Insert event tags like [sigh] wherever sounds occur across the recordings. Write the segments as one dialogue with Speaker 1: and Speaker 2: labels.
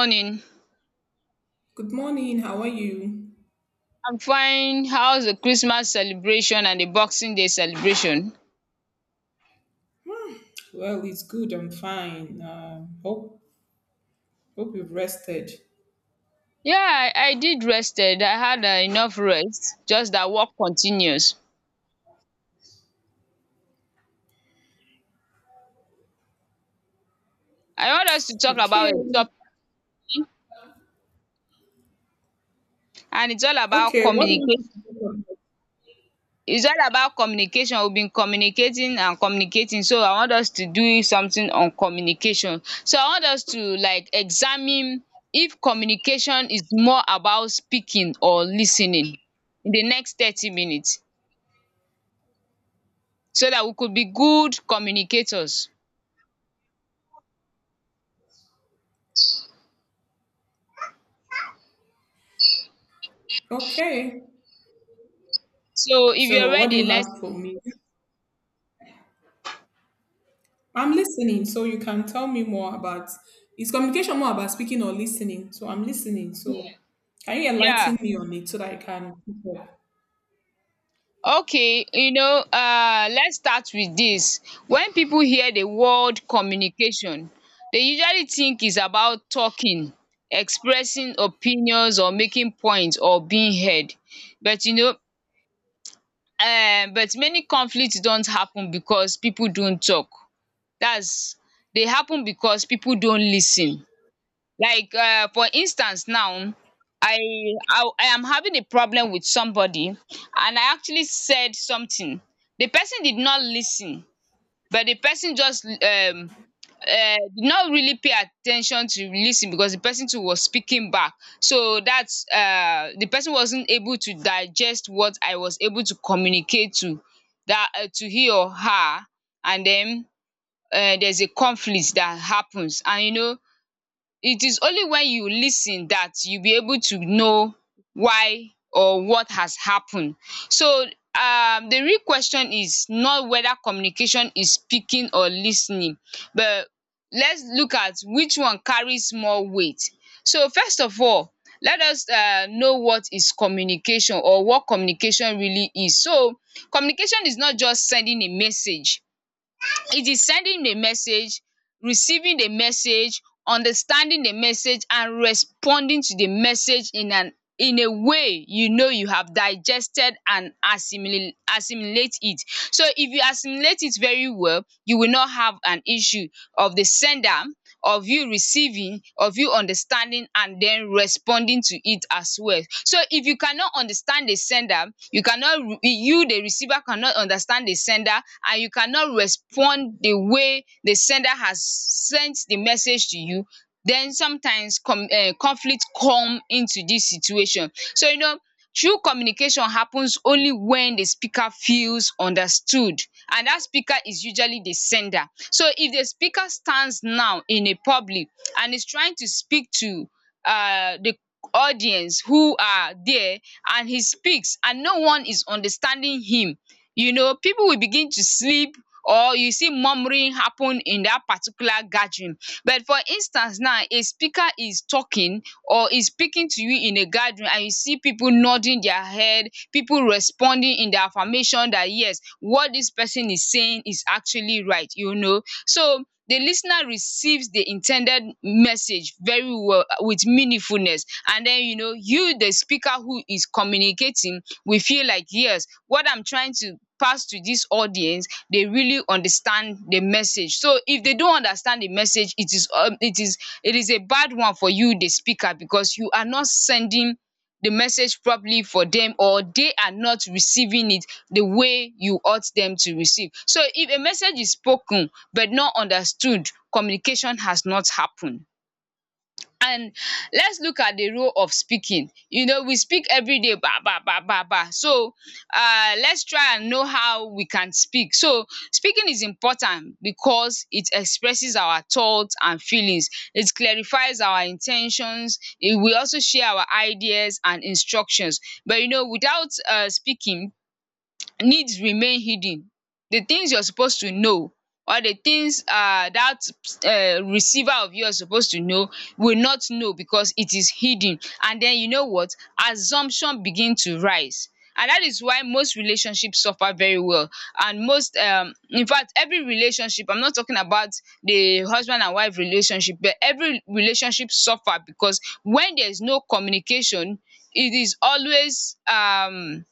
Speaker 1: Morning.
Speaker 2: Good morning. How are you?
Speaker 1: I'm fine. How's the Christmas celebration and the Boxing Day celebration?
Speaker 2: Well, it's good. I'm fine. Hope you've rested.
Speaker 1: Yeah, I did rested. I had enough rest. Just that work continues. I want us to talk
Speaker 2: Okay.
Speaker 1: about a topic, and it's all about
Speaker 2: Okay. What do you
Speaker 1: communication.
Speaker 2: want to
Speaker 1: It's all about communication. We've been communicating and communicating, so I want us to do something on communication. So I want us to like examine if communication is more about speaking or listening in the next 30 minutes. So that we could be good communicators.
Speaker 2: talk about? Okay.
Speaker 1: So if you're
Speaker 2: So, what do you
Speaker 1: ready,
Speaker 2: have
Speaker 1: let's,
Speaker 2: for me? I'm listening, so you can tell me more about. Is communication more about speaking or listening? So I'm listening. So, can you enlighten
Speaker 1: yeah.
Speaker 2: me on it so that I can keep up?
Speaker 1: Okay, let's start with this. When people hear the word communication, they usually think it's about talking, expressing opinions or making points or being heard. But you know, but many conflicts don't happen because people don't talk. That's They happen because people don't lis ten. Like, for instance now, I I am having a problem with somebody, and I actually said something. The person did not listen, but the person just uh did not really pay attention to lis, because the person too was speaking back. So that's the person wasn't able to digest what I was able to communicate to he or her, and then, there's a conflict that happens, and it is only when you lis ten that you'll be able to know why or what has happened. So, the real question is not whether communication is speaking or lis ten ing, but let's look at which one carries more weight. So first of all, let us know what is communication, or what communication really is. So communication is not just sending a message. It is sending the message, receiving the message, understanding the message, and responding to the message in an in a way you have digested and assimilate it. So if you assimilate it very well, you will not have an issue of the sender, of you receiving, of you understanding, and then responding to it as well. So if you cannot understand the sender, you the receiver cannot understand the sender, and you cannot respond the way the sender has sent the message to you, then sometimes com conflict come into this situation. So true communication happens only when the speaker feels understood, and that speaker is usually the sender. So if the speaker stands now in a public and is trying to speak to the audience who are there, and he speaks and no one is understanding him, people will begin to sleep, or you see murmuring happen in that particular gathering. But for instance now, a speaker is talking or is speaking to you in a gathering, and you see people nodding their head, people responding in the affirmation that yes, what this person is saying is actually right. So, the listener receives the intended message very well, with meaningfulness, and then you, the speaker who is communicating, we feel like, yes, what I'm trying to pass to this audience, they really understand the message. So if they don't understand the message, it is it is a bad one for you the speaker, because you are not sending the message properly for them, or they are not receiving it the way you ought them to receive. So if a message is spoken but not understood, communication has not happened. And let's look at the role of speaking. We speak every day, ba ba ba ba ba. So let's try and know how we can speak. So speaking is important because it expresses our thoughts and feelings. It clarifies our intentions. It will also share our ideas and instructions. But without speaking, needs remain hidden. The things you're supposed to know, or the things dat receiver of yours supposed to know, will not know because it is hidden, and then you know what, assumption begin to rise, and that is why most relationships suffer very well, and most in fact, every relationship, I'm not talking about the husband and wife relationship, but every relationship suffer because when there is no communication, it is always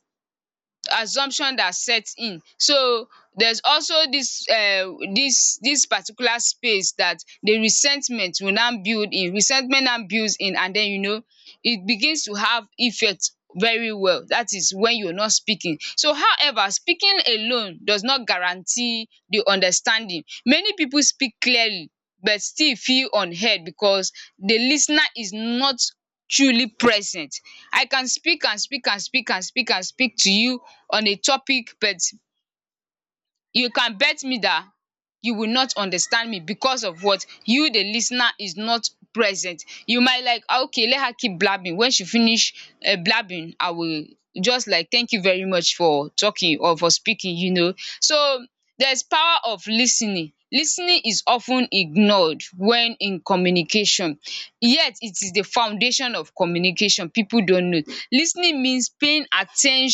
Speaker 1: assumption that sets in. So there's also this this particular space that the resentment will now build in. Resentment now builds in, and then it begins to have effect very well. That is when you're not speaking. So however, speaking alone does not guarantee the understanding. Many people speak clearly, but still feel unheard because the lis ten is not truly present. I can speak and speak and speak and speak and speak to you on a topic, but you can bet me that you will not understand me, because of what? You the listener is not present. You might like, "Ah, okay, let her keep blabbing. When she finish blabbing, I will just like thank you very much for talking or for speaking." So there's power of listening. Listening is often ignored when in communication, yet it is the foundation of communication, people don't know. Listening means paying attention,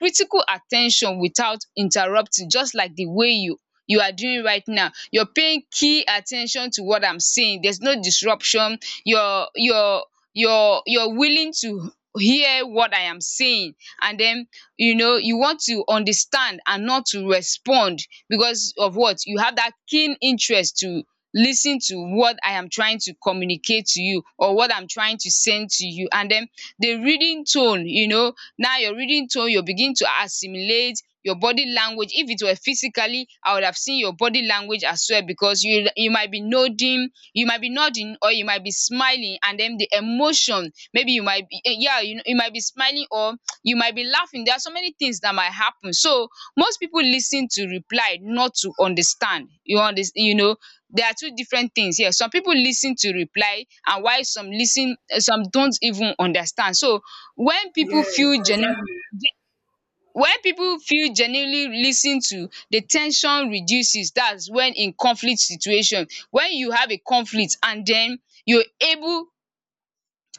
Speaker 1: critical attention, without interrupting, just like the way you are doing right now. You're paying key attention to what I'm saying. There's no disruption. You're you're you're willing to hear what I am saying, and then you want to understand and not to respond, because of what? You have that keen interest to listen to what I am trying to communicate to you, or what I'm trying to send to you. And then the reading tone, now your reading tone, you begin to assimilate your body language. If it were physically, I would have seen your body language as well, because you might be nodding, you might be nodding, or you might be smiling, and then the emotion, maybe you might be yeah, you might be smiling, or you might be laughing. There are so many things that might happen. So most people listen to reply, not to understand, you understand, there are two different things here. Some people listen to reply, and why some listen, some don't even understand. So when people
Speaker 2: Yes,
Speaker 1: feel genuine
Speaker 2: exactly.
Speaker 1: when people feel genuinely lis to, the tension reduces. That's when, in conflict situation, when you have a conflict and then you're able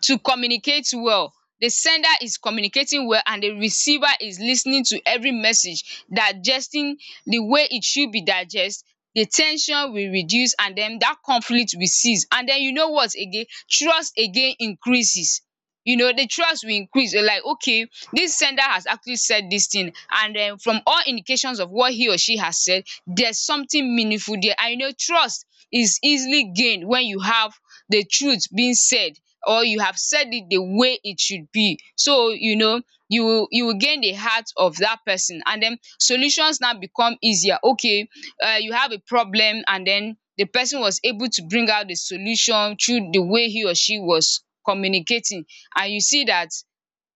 Speaker 1: to communicate well. The sender is communicating well, and the receiver is listening to every message, digesting the way it should be digest. The tension will reduce, and then that conflict will cease, and then you know what again? Trust again increases. The trust will increase. You're like, okay, this sender has actually said this thing, and then from all indications of what he or she has said, there's something meaningful there, and trust is easily gained when you have the truth being said, or you have said it the way it should be. So you will gain the heart of that person, and then solutions now become easier. Okay, you have a problem, and then the person was able to bring out the solution through the way he or she was communicating, and you see that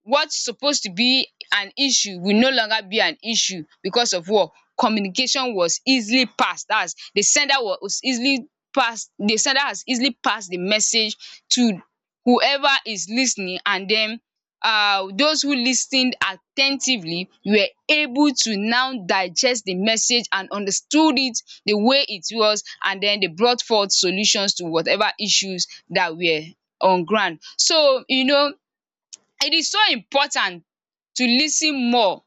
Speaker 1: what's supposed to be an issue will no longer be an issue, because of what? Communication was easily passed. That's, the sender was easily passed. The sender has easily passed the message to whoever is listening, and then those who listened attentively were able to now digest the message and understood it the way it was, and then they brought forth solutions to whatever issues that were on ground. So it is so important to lis ten more,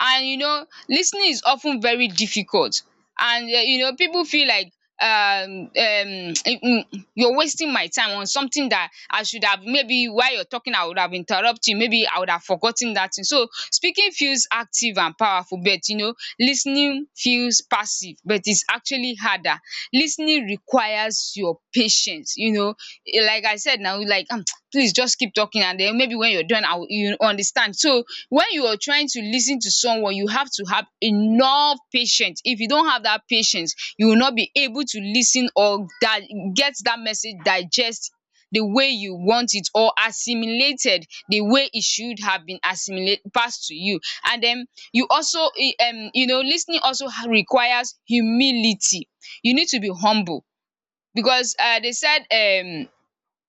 Speaker 1: and lis ten ing is of ten very difficult, and people feel like, um um [tsk] you're wasting my time on something that I should have, maybe while you're talking I would have interrupt you, maybe I would have forgotten that thing. So speaking feels active and powerful, but lis ten ing feels passive, but it's actually really harder. Listening requires your patience. Like I said now, like [tsk] please just keep talking, and then maybe when you're done, I will you understand. So when you are trying to listen to someone, you have to have enough patience. If you don't have that patience, you will not be able to listen, or that get that message digest the way you want it, or assimilated the way it should have been assimilate passed to you. And then you also e, you know listening also requires humility. You need to be humble, because they said, um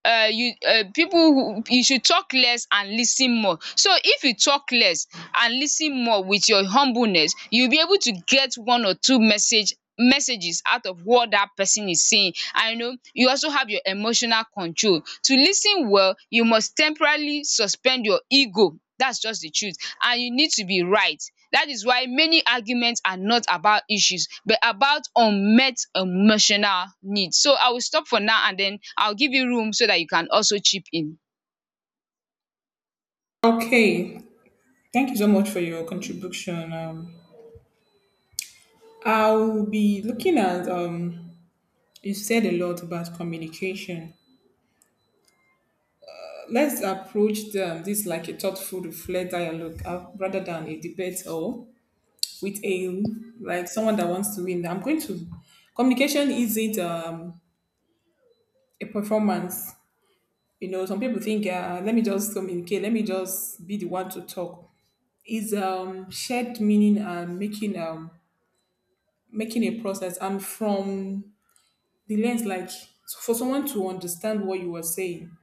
Speaker 1: uh, you people who, you should talk less and listen more. So if you talk less and listen more with your humbleness, you'll be able to get one or two messages out of what that person is saying. I know you also have your emotional control. To listen well, you must temporarily suspend your ego. That's just the truth and you need to be right. That is why many arguments are not about issues but about unmet emotional needs. So I will stop for now and then I'll give you room so that you can also chip in.
Speaker 2: Okay, thank you so much for your contribution. I'll be looking at you've said a lot about communication. Let's approach this like a thoughtful, reflect dialogue, rather than a debate or with a like someone that wants to win. I'm going to Communication isn't a performance. You know, some people think, let me just communicate, let me just be the one to talk. Is shared meaning and making making a process, and from the lens, like for someone to understand what you were saying,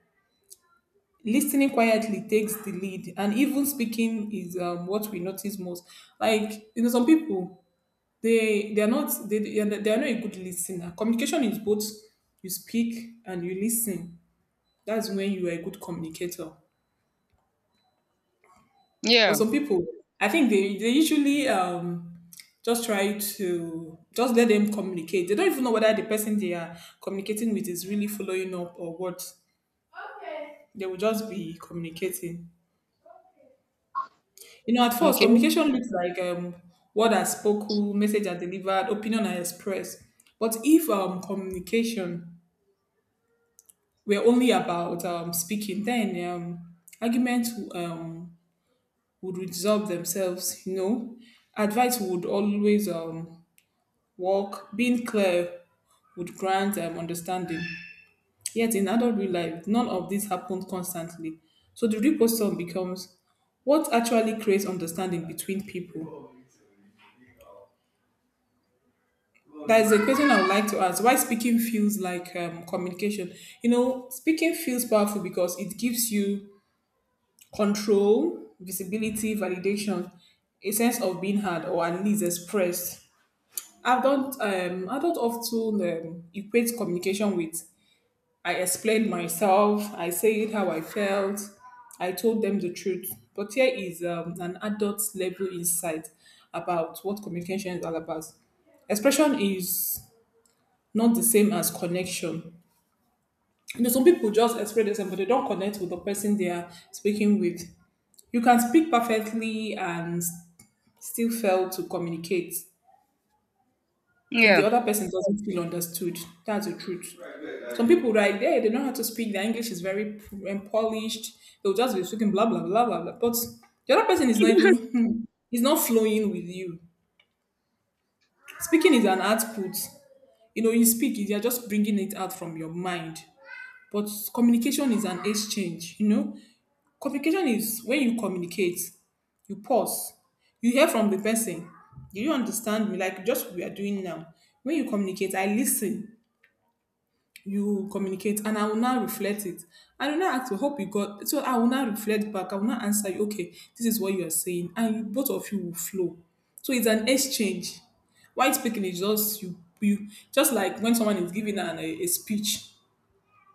Speaker 2: listening quietly takes the lead, and even speaking is, what we notice most. Like, you know, some people, they are not a good listener. Communication is both: you speak and you listen. That's when you are a good communicator. But
Speaker 1: Yeah.
Speaker 2: some people, I think they usually just try to just let them communicate. They don't even know whether the person they are communicating with is really following up or what. They will just be communicating. You know, at first,
Speaker 1: Okay.
Speaker 2: communication looks like: word are spoken, message are delivered, opinion are expressed. But if communication were only about speaking, then arguments would resolve themselves, you know. Advice would always work. Being clear would grant understanding. Yet in adult real life, none of this happens constantly. So the real question becomes, what actually creates understanding between people? There's a question I would like to ask. Why speaking feels like communication? You know, speaking feels powerful because it gives you control, visibility, validation, a sense of being heard or at least expressed. I don't often equate communication with, I explained myself, I said how I felt, I told them the truth. But here is an adult level insight about what communication is all about. Expression is not the same as connection. You know, some people just express themselves, but they don't connect with the person they are speaking with. You can speak perfectly and still fail to communicate if the
Speaker 1: Yeah.
Speaker 2: other person doesn't feel understood. That's the truth. Some people right there, they know how to speak. Their English is very polished. They'll just be speaking blah blah blah blah blah. But the other person is not even hmm, is not flowing with you. Speaking is an output. You know, you speak, you're just bringing it out from your mind. But communication is an exchange, you know. Communication is when you communicate, you pause, you hear from the person. Do you understand me? Like just what we are doing now. When you communicate, I listen, you communicate, and I will now reflect it. I will not ask, you, hope you got. So I will now reflect back. I will not answer you. Okay, this is what you are saying, and you, both of you will flow. So it's an exchange. White speaking is just you, just like when someone is giving a speech,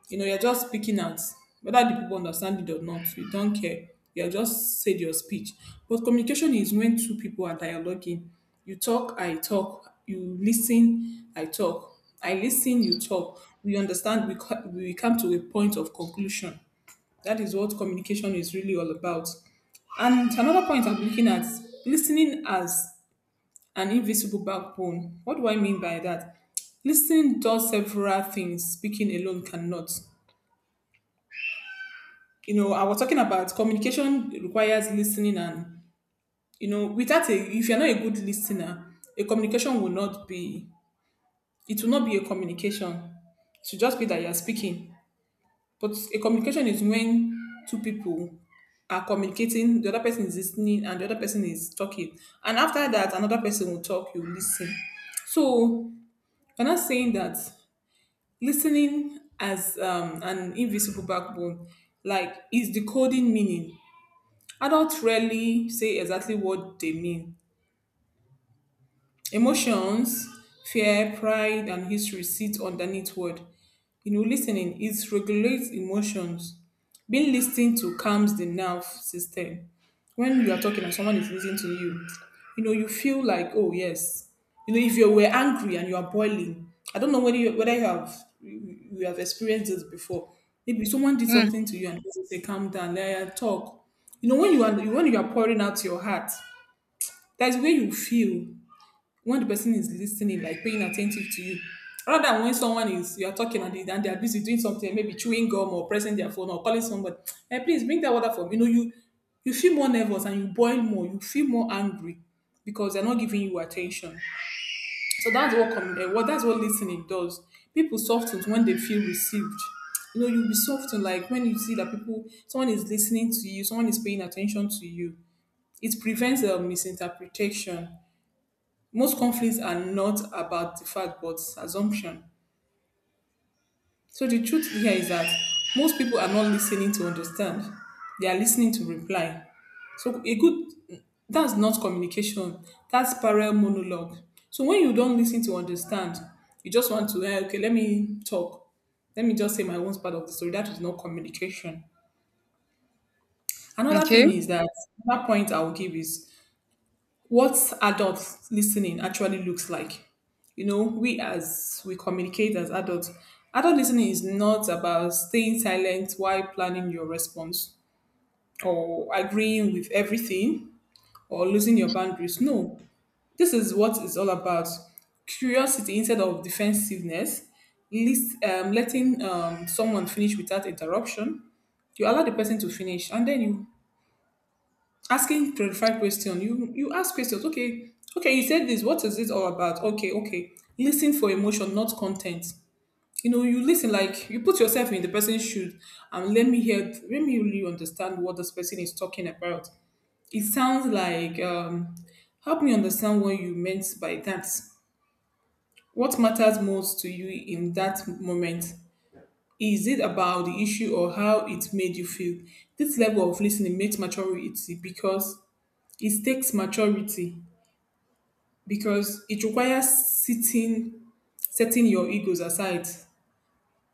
Speaker 2: you know, you're just speaking out. Whether the people understand it or not, you don't care. You are just said your speech. But communication is when two people are dialoguing. You talk, I talk. You listen, I talk. I listen, you talk. We understand, we come to a point of conclusion. That is what communication is really all about. And another point I'm looking at, listening as an invisible backbone. What do I mean by that? Listening does several things speaking alone cannot. You know, I was talking about communication requires listening, and you know, without a, if you're not a good listener, a communication will not be, it will not be a communication. It should just be that you're speaking. But a communication is when two people are communicating, the other person is listening and the other person is talking. And after that another person will talk, you listen. So we're not saying that listening as an invisible backbone, like is decoding meaning. Adults rarely say exactly what they mean. Emotions, fear, pride, and history sit underneath word. You know, listening, it regulates emotions. Being listened to calms the nerve system. When you are talking and someone is listening to you, you know, you feel like, oh, yes. You know, if you were angry and you are boiling, I don't know whether whether you have, you have experienced this before. Maybe someone did
Speaker 1: Mm.
Speaker 2: something to you and you say, calm down, let her talk. You know, when you are, when you are pouring out your heart, that's where you feel, when the person is listening, like being attentive to you. Rather than when someone is, you're talking, and they're busy doing something, maybe chewing gum or pressing their phone or calling somebody, hey, please bring that water for me. You know, you feel more nervous and you boil more, you feel more angry because they're not giving you attention. So that's what that's what listening does. People soften when they feel received. You know, you'll be softened like when you see that people someone is listening to you, someone is paying attention to you. It prevents a misinterpretation. Most conflicts are not about the fact but assumption. So the truth here is that most people are not listening to understand; they are listening to reply. So a good, that's not communication. That's parallel monologue. So when you don't listen to understand, you just want to eh, okay, let me talk. Let me just say my own part of the story. That is not communication. Another thing
Speaker 1: Okay.
Speaker 2: is that, another point I will give is what adult listening actually looks like. You know, we, as we communicate as adults, adult listening is not about staying silent while planning your response, or agreeing with everything, or losing your boundaries. No, this is what it's all about: curiosity instead of defensiveness, letting someone finish without interruption. You allow the person to finish, and then you asking clarified question. You ask questions. Okay, okay, you said this, what is it all about? Okay, okay. Listen for emotion, not content. You know, you listen like you put yourself in the person's shoes, and let me hear, let me really understand what this person is talking about. It sounds like, help me understand what you meant by that. What matters most to you in that moment? Is it about the issue or how it made you feel? This level of listening makes maturity, because it takes maturity, because it requires sitting, setting your egos aside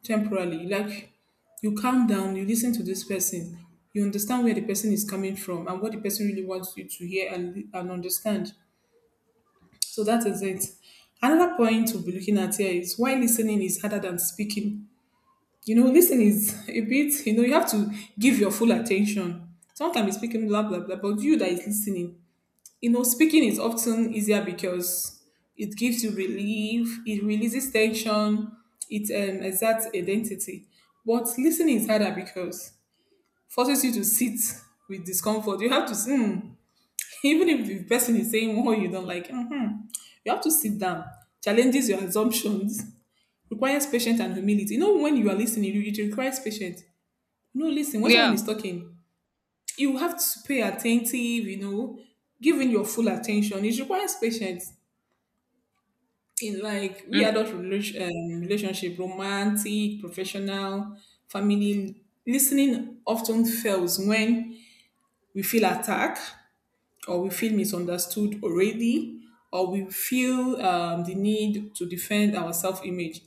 Speaker 2: temporarily. Like you calm down, you listen to this person, you understand where the person is coming from and what the person really wants you to hear and understand. So that is it. Another point to be looking at here is why listening is harder than speaking. You know, listening is [laughs] a bit, you know, you have to give your full attention. Sometimes you're speaking blah blah blah, but you, that is listening, you know. Speaking is often easier because it gives you relief, it releases tension, it exerts identity. But listening is harder because forces you to sit with discomfort. You have to, [laughs] even if the person is saying what you don't like, mhm, you have to sit down. Challenges your assumptions, requires patience and humility. You know, when you are listening, it requires patience. No, listen, when someone
Speaker 1: Yeah.
Speaker 2: is talking, you have to pay attentive, you know, giving your full attention. It requires patience in like we
Speaker 1: Mm.
Speaker 2: adult relationship, romantic, professional, family, listening often fails when we feel attacked, or we feel misunderstood already, or we feel the need to defend our self-image.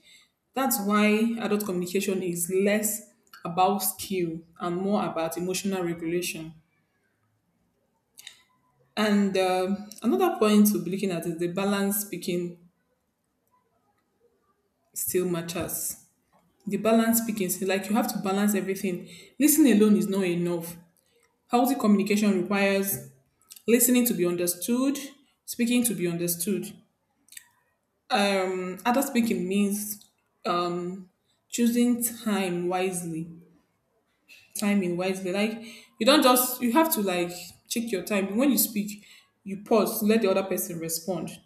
Speaker 2: That's why adult communication is less about skill and more about emotional regulation. And another point to be looking at is the balance speaking still matters, the balance speaking skill. Like you have to balance everything. Listening alone is not enough. Healthy communication requires listening to be understood, speaking to be understood. Adult speaking means um choosing time wisely, timing wisely. Like you don't just, you have to like check your time. When you speak, you pause, to let the other person respond.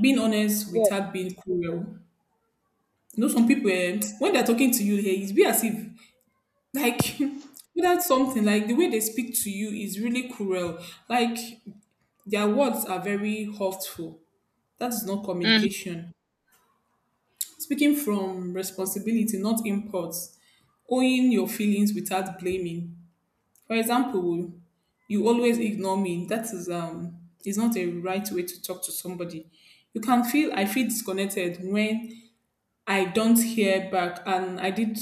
Speaker 2: Being honest
Speaker 1: Yeah.
Speaker 2: without being cruel. You know, some people when they're talking to you, it's be as if like [laughs] without something, like the way they speak to you is really cruel, like their words are very hurtful. That is not
Speaker 1: Mm.
Speaker 2: communication. Speaking from responsibility, not impulse. Owning your feelings without blaming. For example, you always ignore me, that is not a right way to talk to somebody. You can feel, I feel disconnected when I don't hear back, and I did,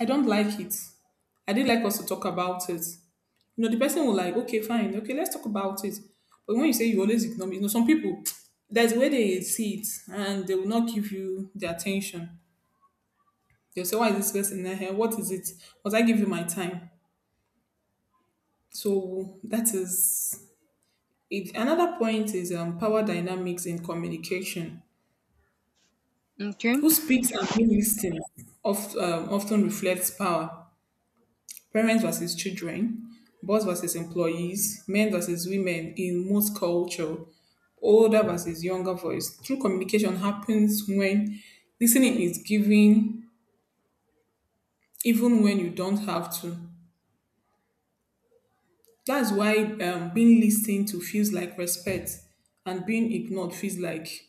Speaker 2: I don't like it. I did like us to talk about it. You know, the person will like, okay, fine, okay, let's talk about it. But when you say you always ignore me, you know, some people, there's a way they see it and they will not give you the attention. They'll say, why is this person in here? What is it? Was I give you my time? So that is it. Another point is power dynamics in communication.
Speaker 1: Okay.
Speaker 2: Who speaks and who listens often reflects power. Parents versus children, boss versus employees, men versus women in most culture, older versus younger voice. True communication happens when listening is given, even when you don't have to. That's why being listened to feels like respect, and being ignored feels like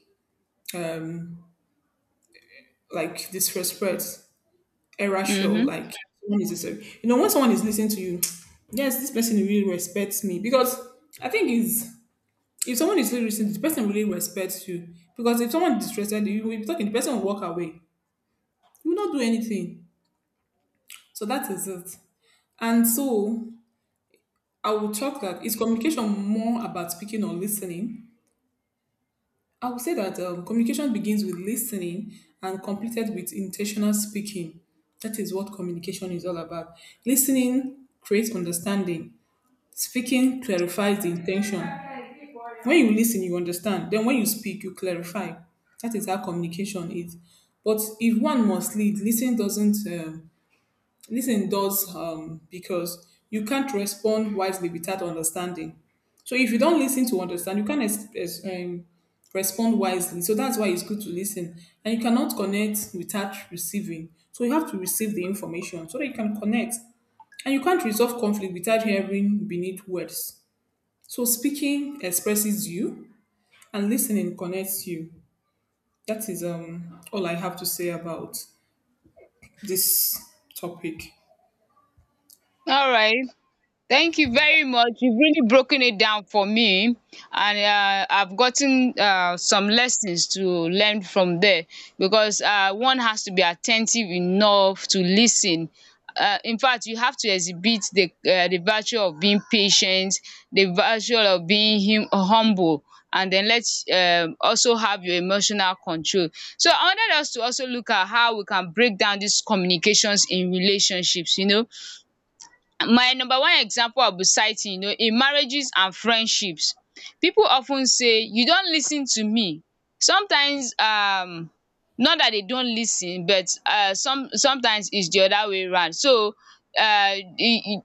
Speaker 2: disrespect, error, like
Speaker 1: Mhm.
Speaker 2: you know when someone is listening to you. [tsk] Yes, this person really respects me. Because I think it's, if someone is really listening, the person really respects you. Because if someone disrespected you, you will be talking, the person will walk away. You will not do anything. So that is it. And so I will talk, that is communication more about speaking or listening? I would say that communication begins with listening and completed with intentional speaking. That is what communication is all about. Listening creates understanding. Speaking clarifies the intention. When you listen, you understand, then when you speak you clarify. That is how communication is. But if one must lead, listen does doesn't lis does because you can't respond wisely without understanding. So if you don't listen to understand, you can't ex ex respond wisely, so that's why it's good to listen. And you cannot connect without receiving, so you have to receive the information so that you can connect. And you can't resolve conflict without hearing beneath words. So speaking expresses you, and listening connects you. That is all I have to say about this topic.
Speaker 1: All right. Thank you very much. You've really broken it down for me, and I've gotten some lessons to learn from there because one has to be attentive enough to listen. In fact, you have to exhibit the virtue of being patient, the virtue of being humble, and then let's also have your emotional control. So I wanted us to also look at how we can break down these communications in relationships. You know, my number one example of backbiting, you know, in marriages and friendships. People of ten say you don lis ten to me. Sometimes not dat dem don lis ten but some sometimes it's the other way round. So e e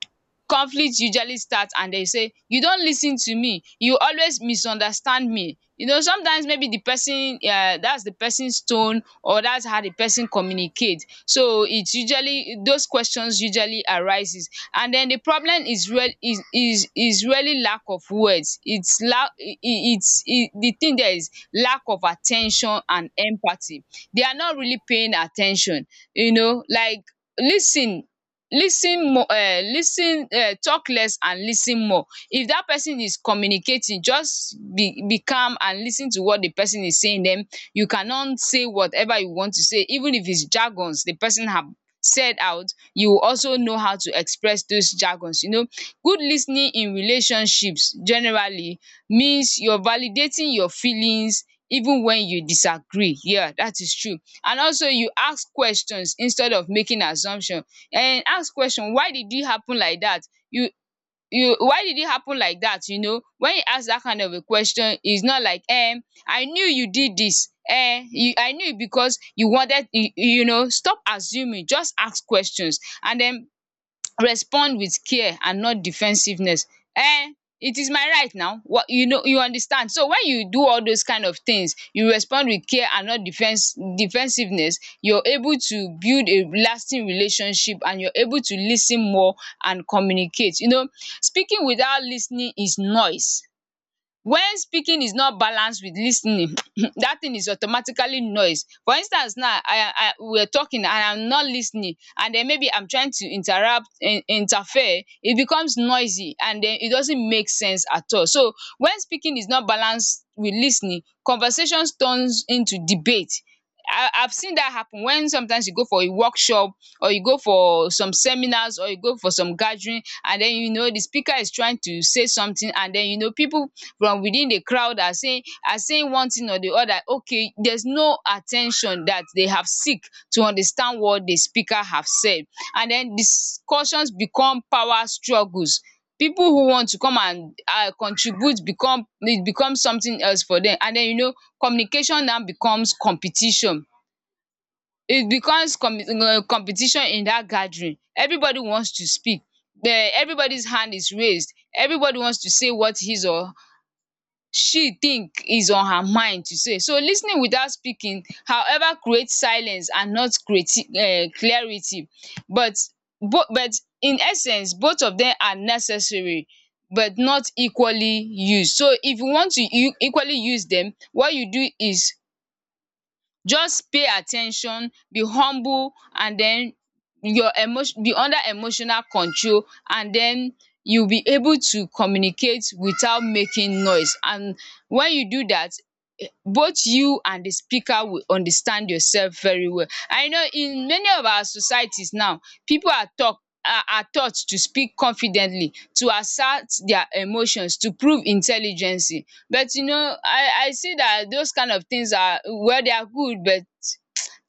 Speaker 1: conflict usually start and they say you don lis ten to me, you always misunderstand me. You know, sometimes maybe the person dats de person's tone or that's how the person communicate. So it usually those questions usually arises, and then the problem is really lack of words. It's lack it it's it the thing there is lack of attention and empathy. They are not really paying attention. You know, like listen, listen, lis ten, talk less and listen more. If that person is communicating, just be calm and listen to what the person is saying. Then you cannot say whatever you want to say even if it's jargons the person have said out. You will also know how to express those jargons. You know, good listening in relationships generally means you're validating your feelings even when you disagree. Yeah, that is true. And also you ask questions instead of making assumption. And ask question, why did it happen like that? You you why did it happen like that? You know, when you ask that kind of a question, it's not like I knew you did this, eh. you I knew it because you wanted you, you know, stop assuming, just ask questions, and then respond with care and not defensiveness. Eh, it is my right now what, you know, you understand. So when you do all those kind of things, you respond with care and not defense defensiveness, you're able to build a lasting relationship and you're able to lis ten more and communicate. You know, speaking without lis ten ing is noise. When speaking is not balanced with lis ten ing, [clears throat] that thing is automatically noise. For instance now, I we are talking and I'm not lis ten ing, and then maybe I'm trying to interrupt in interfere. It becomes noisy and then it doesn't make sense at all. So when speaking is not balanced with lis ten ing, conversations turns into debate. I've seen that happen when sometimes you go for a workshop or you go for some seminars or you go for some gathering, and then, you know, the speaker is trying to say something, and then, you know, people from within the crowd are saying one thing or the other. Okay, there's no attention that they have seek to understand what the speaker have said, and then discussions become power struggles. People who want to come and contribute, become, it becomes something else for them, and then, you know, communication now becomes competition. It becomes competition. In that gathering, everybody wants to speak. The Everybody's hand is raised, everybody wants to say what his or she think is on her mind to say. So lis ten ing without speaking however creates silence and not creati clarity, but bo but in essence both of dem are necessary but not equally used. So if you want to u equally use dem, what you do is just pay at ten tion, be humble, and den your emotion be under emotional control, and den you be able to communicate without making noise, and when you do that, both you and the speaker will understand yourself very well. I know in many of our societies now, people are talk are taught to speak confidently, to assert their emotions, to prove intelligency. But you know, I see that those kind of things are well, they are good, but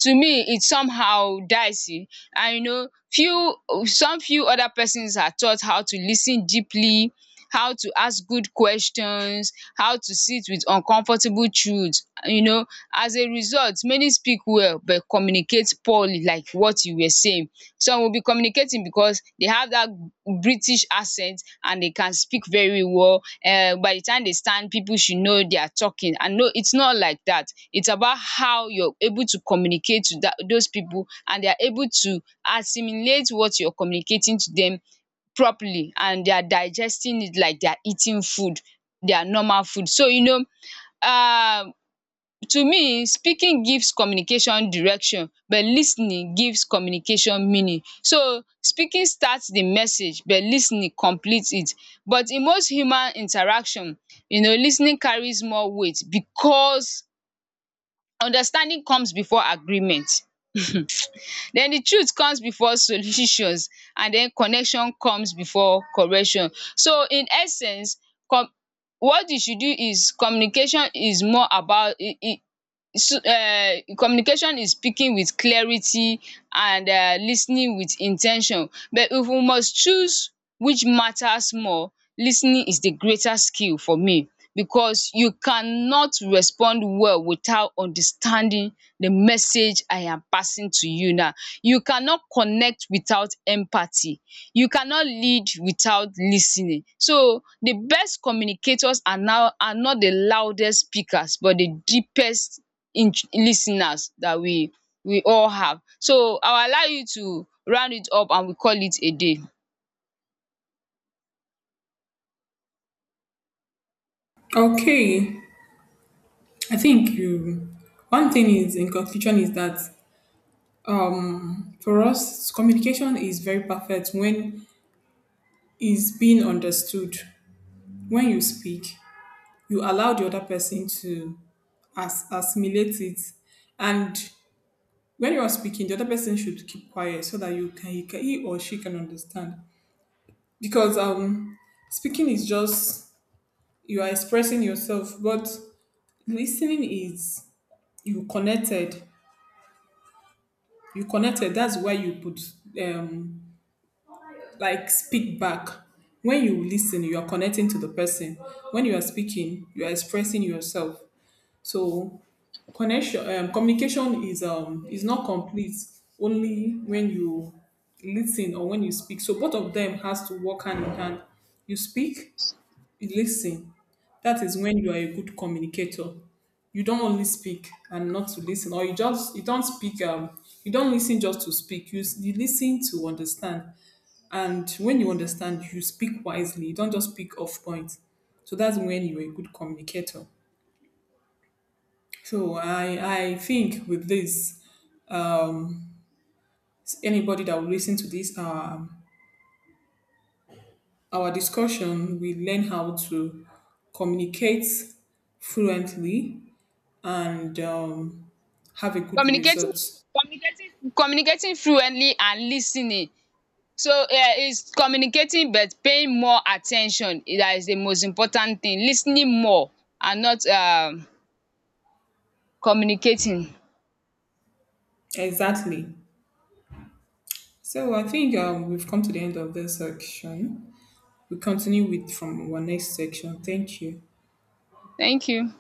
Speaker 1: to me it's somehow dicey. And you know, few some few other persons are taught how to lis ten deeply, how to ask good questions, how to sit with uncomfortable truth. You know, as a result, many speak well but communicate poorly, like what you were saying. Some will be communicating because they have that british accent and they can speak very well. By the time they stand, people should know they are talking. And no, it's not like that. It's about how you're able to communicate to those people and they are able to assimilate what you're communicating to them properly, and they are digesting it like they are eating food, their normal food. So, you know, um to me, speaking gives communication direction but lis ten ing gives communication meaning. So, speaking starts the message but lis ten ing completes it. But in most human interaction, you know, lis ten ing carries more weight because understanding comes before agreement. Then the truth comes before solutions, and then connection comes before correction. So, in essence, com what you should do is communication is more about it. E So communication is speaking with clarity and lis ten ing with in ten tion. But if we must choose which matters more, lis ten ing is the greater skill for me because you cannot respond well without understanding the message I am passing to you now. You cannot connect without empathy. You cannot lead without lis ten ing. So the best communicators are now are not the loudest speakers but the deepest in lis that we all have. So I will allow you to round it up and we call it a day.
Speaker 2: Okay, I think you. One thing is, in conclusion, is that for us communication is very perfect when is being understood. When you speak, you allow the other person to as assimilate it, and when you are speaking, the other person should keep quiet so that you can, he or she can understand. Because speaking is just you are expressing yourself, but listening is you connected. You connected. That's why you put um like speak back. When you listen, you are connecting to the person. When you are speaking, you are expressing yourself. So connection, communication is not complete only when you listen or when you speak. So both of them has to work hand in hand. You speak, listen, that is when you are a good communicator. You don't only speak and not to listen, or you just you don't speak. You don't listen just to speak. You listen to understand, and when you understand, you speak wisely. You don't just speak off point. So that's when you are a good communicator. So I think with this, anybody that will listen to this our discussion, we learn how to communicate fluently and have a good
Speaker 1: Communicating,
Speaker 2: result.
Speaker 1: communicating communicating fluently and lis ten ing. So is communicating but paying more at ten tion, that is the most important thing. Lis ten ing more and not communicating.
Speaker 2: Exactly. So I think we've come to the end of this section. We continue with from our next section. Thank you.
Speaker 1: Thank you.